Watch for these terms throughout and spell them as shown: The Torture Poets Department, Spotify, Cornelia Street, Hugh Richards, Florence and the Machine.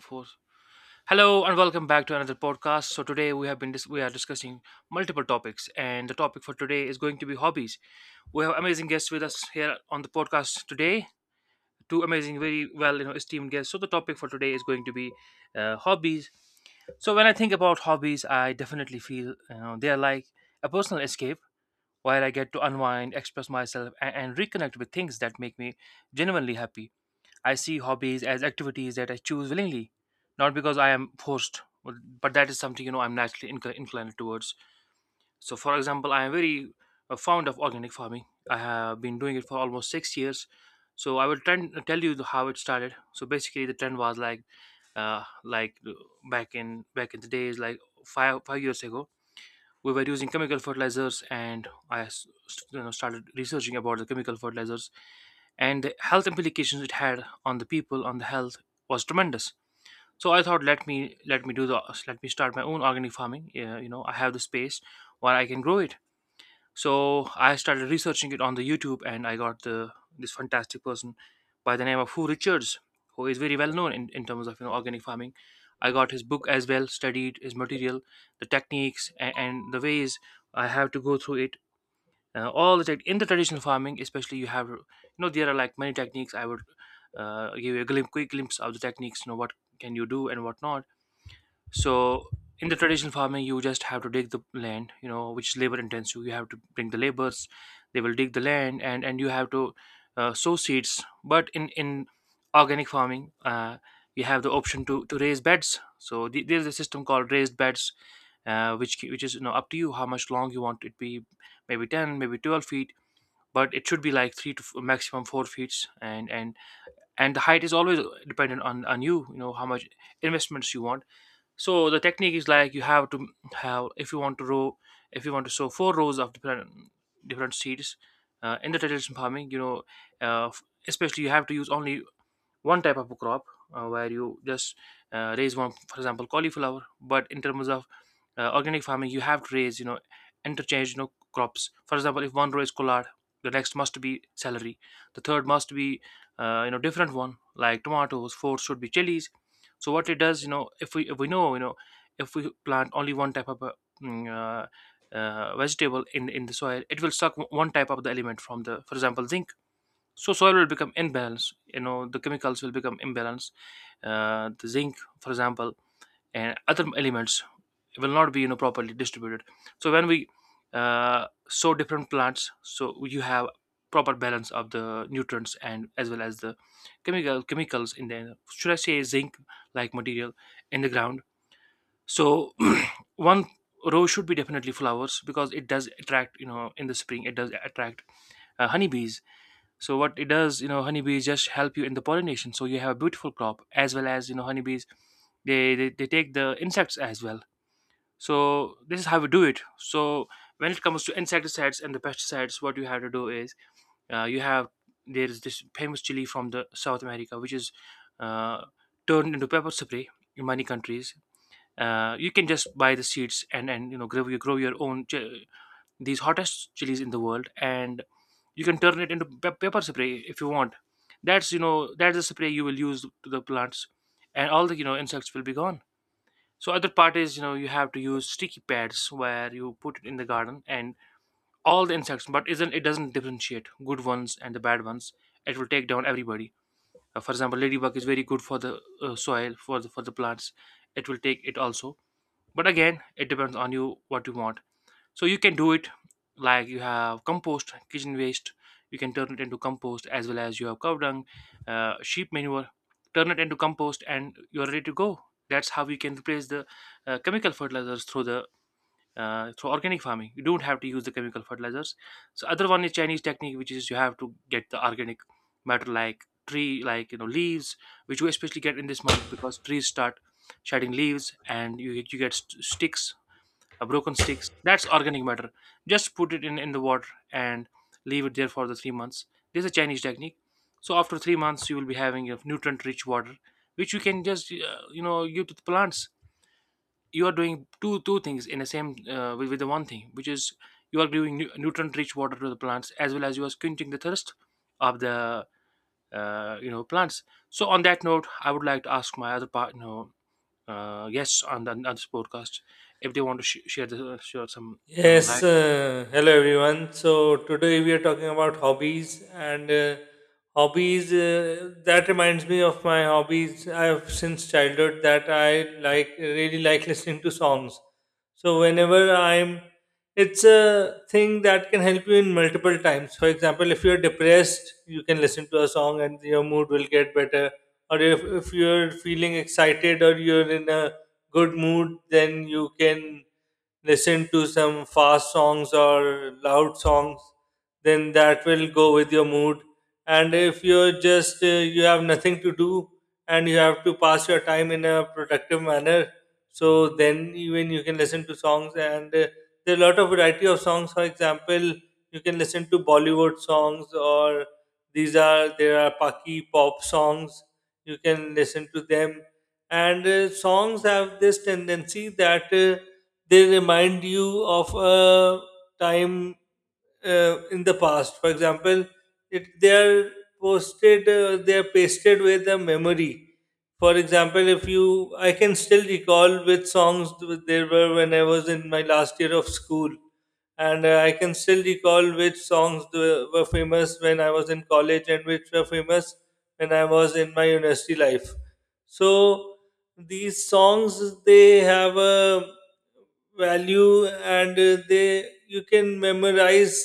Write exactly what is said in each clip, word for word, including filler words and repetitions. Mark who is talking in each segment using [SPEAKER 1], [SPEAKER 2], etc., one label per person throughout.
[SPEAKER 1] Four. Hello and welcome back to another podcast. So today we have been dis- we are discussing multiple topics, and the topic for today is going to be hobbies. We have amazing guests with us here on the podcast today. Two amazing, very well, you know, esteemed guests. So the topic for today is going to be uh, hobbies. So when I think about hobbies, I definitely feel, you know, they are like a personal escape where I get to unwind, express myself, and, and reconnect with things that make me genuinely happy. I see hobbies as activities that I choose willingly, not because I am forced, but but that is something, you know I'm naturally inc- inclined towards. So, for example, I am very uh, fond of organic farming. I have been doing it for almost six years. So, I will trend, uh, tell you the- how it started. So, basically, the trend was like, uh, like uh, back in back in the days, like five five years ago we were using chemical fertilizers, and i s- s- you know, started researching about the chemical fertilizers, and the health implications it had on the people, on the health, was tremendous. So I thought, let me let me do the, let me start my own organic farming. Yeah, you know, I have the space where I can grow it. So I started researching it on the YouTube, and I got the this fantastic person by the name of Hugh Richards, who is very well known in, in terms of, you know, organic farming. I got his book as well, studied his material, the techniques, and, and the ways I have to go through it. Uh, all the tech in the traditional farming, especially you have, you know, there are like many techniques. I would uh, give you a glim- quick glimpse of the techniques. You know what can you do and what not. So in the traditional farming, you just have to dig the land, you know, which is labor intensive. You have to bring the laborers; they will dig the land, and and you have to uh, sow seeds. But in in organic farming, uh, you have the option to to raise beds. So the, there's a system called raised beds, uh, which ki- which is, you know, up to you how much long you want it be, maybe ten, maybe twelve feet. But it should be like three to f- maximum four feet, and and and the height is always dependent on on you. You know how much investments you want. So the technique is like you have to have, if you want to row, if you want to sow four rows of different different seeds, uh, in the traditional farming, you know, uh, f- especially, you have to use only one type of a crop, uh, where you just uh, raise one, for example, cauliflower. But in terms of uh, organic farming, you have to raise, you know, interchange, you know, crops. For example, if one row is collard, the next must be celery, the third must be uh, you know, different one like tomatoes, fourth should be chilies. So what it does, you know, if we, if we know you know if we plant only one type of a, mm, uh, uh, vegetable in in the soil, it will suck one type of the element from the, for example, zinc. So soil will become imbalanced, you know, the chemicals will become imbalanced, uh, the zinc for example, and other elements will not be, you know, properly distributed. So when we uh, sow different plants, so you have proper balance of the nutrients and as well as the chemical chemicals in the, should I say, zinc like material in the ground. So one row should be definitely flowers, because it does attract, you know, in the spring it does attract uh, honeybees. So what it does, you know, honeybees just help you in the pollination. So you have a beautiful crop, as well as, you know, honeybees, they, they, they take the insects as well. So this is how we do it. So when it comes to insecticides and the pesticides, what you have to do is, uh, you have, there is this famous chili from the South America, which is uh, turned into pepper spray in many countries. Uh, you can just buy the seeds and and you know, grow, you grow your own ch- these hottest chilies in the world, and you can turn it into pe- pepper spray if you want. That's, you know, that's the spray you will use to the plants, and all the, you know, insects will be gone. So other part is, you know, you have to use sticky pads, where you put it in the garden, and all the insects, but isn't it doesn't differentiate good ones and the bad ones, it will take down everybody. Uh, for example, ladybug is very good for the uh, soil, for the for the plants, it will take it also. But again, it depends on you, what you want. So you can do it, like you have compost, kitchen waste, you can turn it into compost, as well as you have cow dung, uh, sheep manure, turn it into compost, and you're ready to go. That's how you can replace the uh, chemical fertilizers through the uh, through organic farming. You don't have to use the chemical fertilizers. So other one is Chinese technique, which is you have to get the organic matter, like tree, like, you know, leaves, which you especially get in this month, because trees start shedding leaves, and you, you get st- sticks, uh, broken sticks. That's organic matter. Just put it in, in the water, and leave it there for the three months. This is a Chinese technique. So after three months, you will be having a nutrient-rich water, which you can just uh, you know, give to the plants. You are doing two two things in the same, uh, with, with the one thing, which is, you are giving nu- nutrient-rich water to the plants, as well as you are quenching the thirst of the uh, you know, plants. So on that note, I would like to ask my other part, you know, uh, yes on, the, on this podcast, if they want to sh- share the, share some, you know,
[SPEAKER 2] Yes,
[SPEAKER 1] like
[SPEAKER 2] uh, hello everyone. So today we are talking about hobbies and uh, hobbies. Uh, that reminds me of my hobbies. I have since childhood that I like really like listening to songs. So whenever I'm, it's a thing that can help you in multiple times. For example, if you're depressed, you can listen to a song and your mood will get better. Or if if you're feeling excited or you're in a good mood, then you can listen to some fast songs or loud songs, then that will go with your mood. And if you're just uh, you have nothing to do and you have to pass your time in a productive manner, so then even you can listen to songs. And uh, there are a lot of variety of songs. For example, you can listen to Bollywood songs, or these are there are Paki pop songs, you can listen to them. And uh, songs have this tendency that uh, they remind you of a time uh, in the past. For example, it they are posted, uh, they are pasted with a memory. For example, if you, I can still recall which songs th- there were when I was in my last year of school, and uh, I can still recall which songs the- were famous when I was in college, and which were famous when I was in my university life. So these songs, they have a value. And uh, they you can memorize,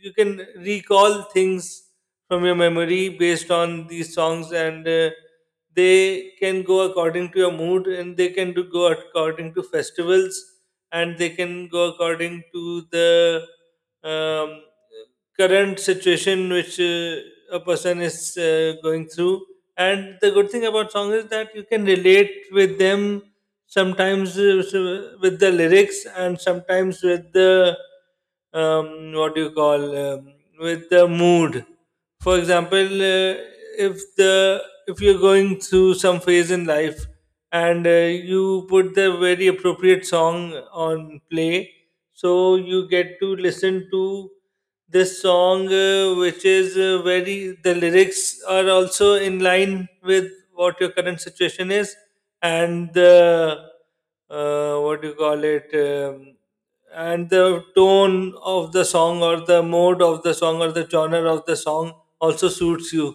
[SPEAKER 2] you can recall things from your memory based on these songs. And uh, they can go according to your mood, and they can do go according to festivals, and they can go according to the um, current situation which uh, a person is uh, going through. And the good thing about songs is that you can relate with them sometimes, uh, so- with the lyrics, and sometimes with the, um, what do you call um, with the mood. For example, uh, if the if you're going through some phase in life, and uh, you put the very appropriate song on play, so you get to listen to this song, uh, which is uh, very, the lyrics are also in line with what your current situation is, and the, uh, what do you call it um, and the tone of the song, or the mode of the song, or the genre of the song also suits you.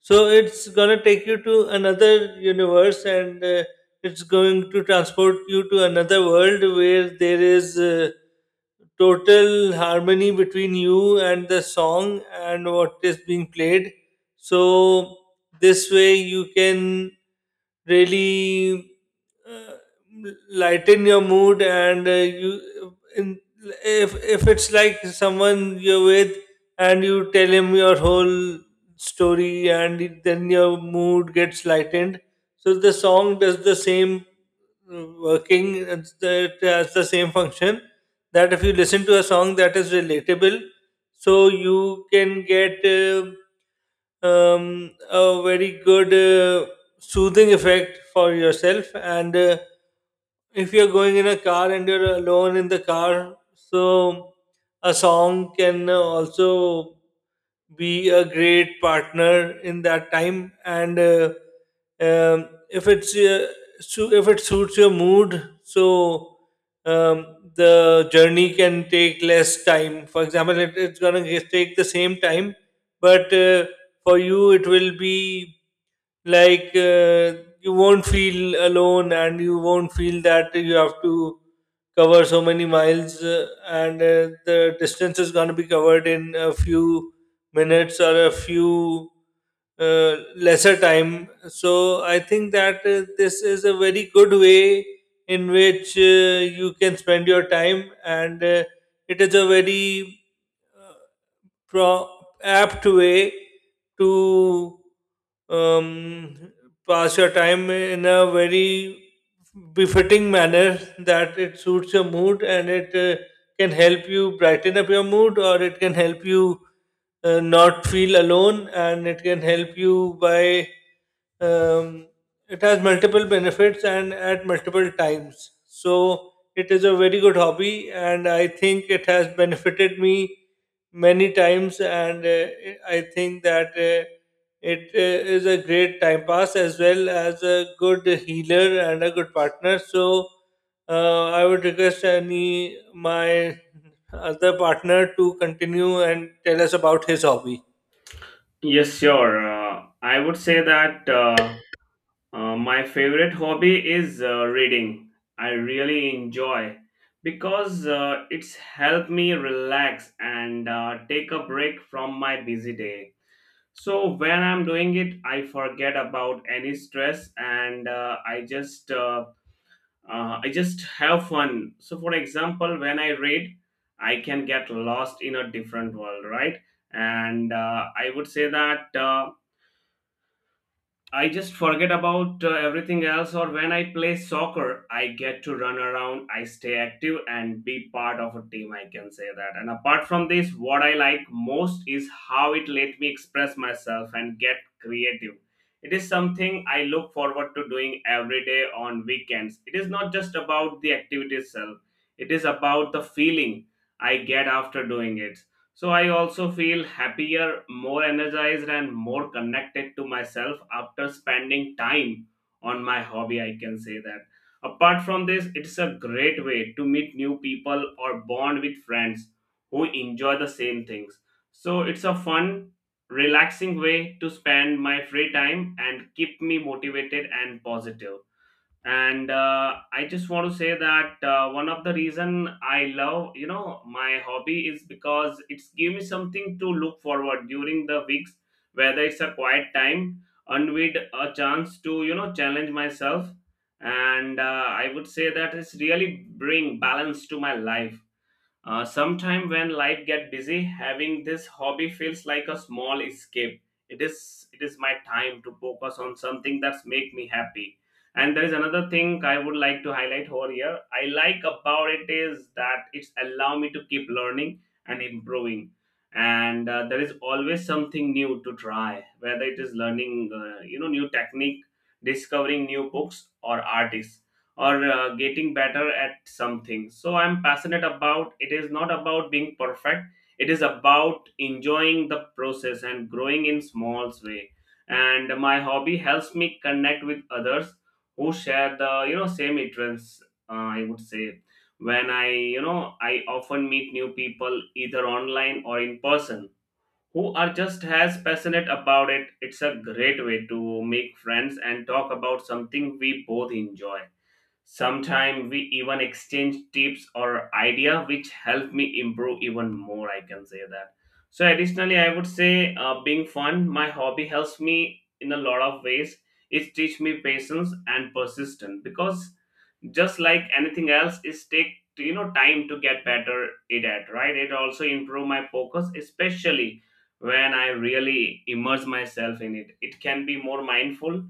[SPEAKER 2] So it's gonna take you to another universe, and uh, it's going to transport you to another world where there is uh, total harmony between you and the song and what is being played. So this way you can really, uh, lighten your mood. And uh, you in, if if it's like someone you're with and you tell him your whole story, and it- then your mood gets lightened. So the song does the same uh, working it's the, it has the same function that if you listen to a song that is relatable, so you can get, uh, um, a very good uh, soothing effect for yourself. And uh, if you're going in a car and you're alone in the car, so a song can also be a great partner in that time. And uh, um, if it's uh, su- if it suits your mood, so um, the journey can take less time. For example, it, it's gonna ge- take the same time, but uh, for you it will be like, uh, you won't feel alone, and you won't feel that you have to cover so many miles, uh, and uh, the distance is going to be covered in a few minutes, or a few, uh, lesser time. So I think that uh, this is a very good way in which uh, you can spend your time. And uh, it is a very pro- apt way to, um, pass your time in a very befitting manner, that it suits your mood, and it uh, can help you brighten up your mood, or it can help you uh, not feel alone, and it can help you by, um, it has multiple benefits and at multiple times. So it is a very good hobby, and I think it has benefited me many times. And uh, I think that uh, it uh, is a great time pass, as well as a good healer and a good partner. So uh, I would request any my other partner to continue and tell us about his hobby.
[SPEAKER 3] Yes, sure. Uh, I would say that uh, uh, my favorite hobby is uh, reading. I really enjoy because uh, it's helped me relax and uh, take a break from my busy day. So when I'm doing it, I forget about any stress and uh, I just uh, uh, I just have fun. So for example, when I read, I can get lost in a different world, right? And uh, I would say that. Uh, I just forget about uh, everything else, or when I play soccer, I get to run around, I stay active, and be part of a team. I can say that. And apart from this, what I like most is how it let me express myself and get creative. It is something I look forward to doing every day on weekends. It is not just about the activity itself, it is about the feeling I get after doing it. So I also feel happier, more energized, and more connected to myself after spending time on my hobby. I can say that. Apart from this, it's a great way to meet new people or bond with friends who enjoy the same things. So it's a fun, relaxing way to spend my free time and keep me motivated and positive. And uh, I just want to say that uh, one of the reason I love you know my hobby is because it's give me something to look forward during the weeks, whether it's a quiet time and with a chance to you know challenge myself. And uh, I would say that it's really bring balance to my life. Uh, sometime when life get busy, having this hobby feels like a small escape. It is it is my time to focus on something that's make me happy. And there is another thing I would like to highlight over here. I like about it is that it's allow me to keep learning and improving. And uh, there is always something new to try, whether it is learning, uh, you know, new technique, discovering new books or artists or uh, getting better at something. So I'm passionate about it is not about being perfect, it is about enjoying the process and growing in small way. And my hobby helps me connect with others who share the you know same interests. uh, I would say when I you know I often meet new people either online or in person who are just as passionate about it. It's a great way to make friends and talk about something we both enjoy. Sometimes we even exchange tips or idea which help me improve even more. I can say that. So additionally, I would say uh, being fun, my hobby helps me in a lot of ways. It teach me patience and persistence because just like anything else is take you know time to get better it at right. It also improve my focus, especially when I really immerse myself in it. It can be more mindful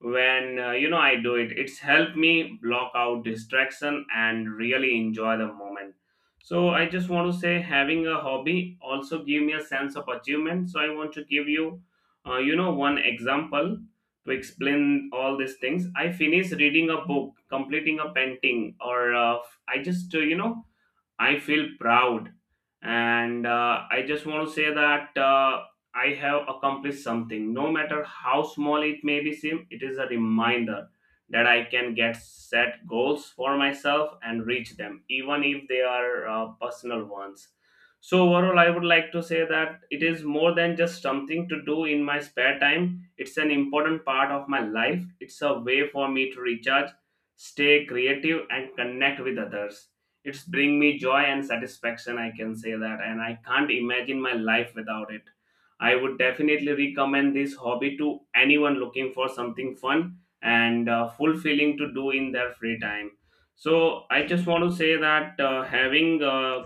[SPEAKER 3] when uh, you know I do it. It's helped me block out distraction and really enjoy the moment. So I just want to say having a hobby also give me a sense of achievement. So I want to give you uh, you know one example to explain all these things. I finish reading a book, completing a painting, or uh, i just uh, you know I feel proud. And uh, I just want to say that uh, I have accomplished something. No matter how small it may be seem, it is a reminder that I can get set goals for myself and reach them, even if they are uh, personal ones. So overall, I would like to say that it is more than just something to do in my spare time. It's an important part of my life. It's a way for me to recharge, stay creative, and connect with others. It's bring me joy and satisfaction. I can say that. And I can't imagine my life without it. I would definitely recommend this hobby to anyone looking for something fun and uh, fulfilling to do in their free time. So I just want to say that uh, having uh,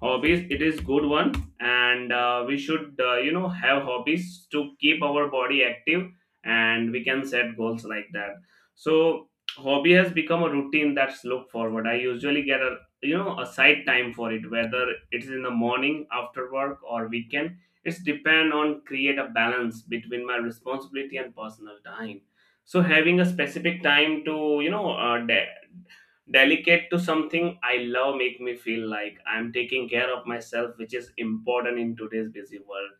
[SPEAKER 3] hobbies, it is good one. And uh, we should uh, you know have hobbies to keep our body active, and we can set goals like that. So hobby has become a routine that's look forward. I usually get a you know a side time for it, whether it's in the morning, after work, or weekend. It's depend on create a balance between my responsibility and personal time. So having a specific time to you know uh, de- delicate to something I love make me feel like I'm taking care of myself, which is important in today's busy world.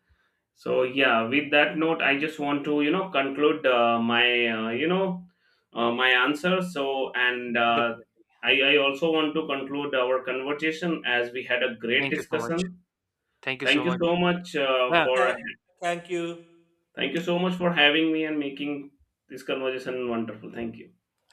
[SPEAKER 3] So yeah, with that note, I just want to you know conclude uh, my uh, you know uh, my answer. So and uh,
[SPEAKER 1] definitely.
[SPEAKER 3] I I also want to conclude our conversation as we had a great
[SPEAKER 1] Thank you so much.
[SPEAKER 3] discussion.
[SPEAKER 1] Thank you so
[SPEAKER 3] Thank you
[SPEAKER 1] much.
[SPEAKER 3] so much uh,
[SPEAKER 1] Yeah.
[SPEAKER 3] for
[SPEAKER 2] Tha- Thank you.
[SPEAKER 3] thank you so much for having me and making this conversation wonderful. Thank you.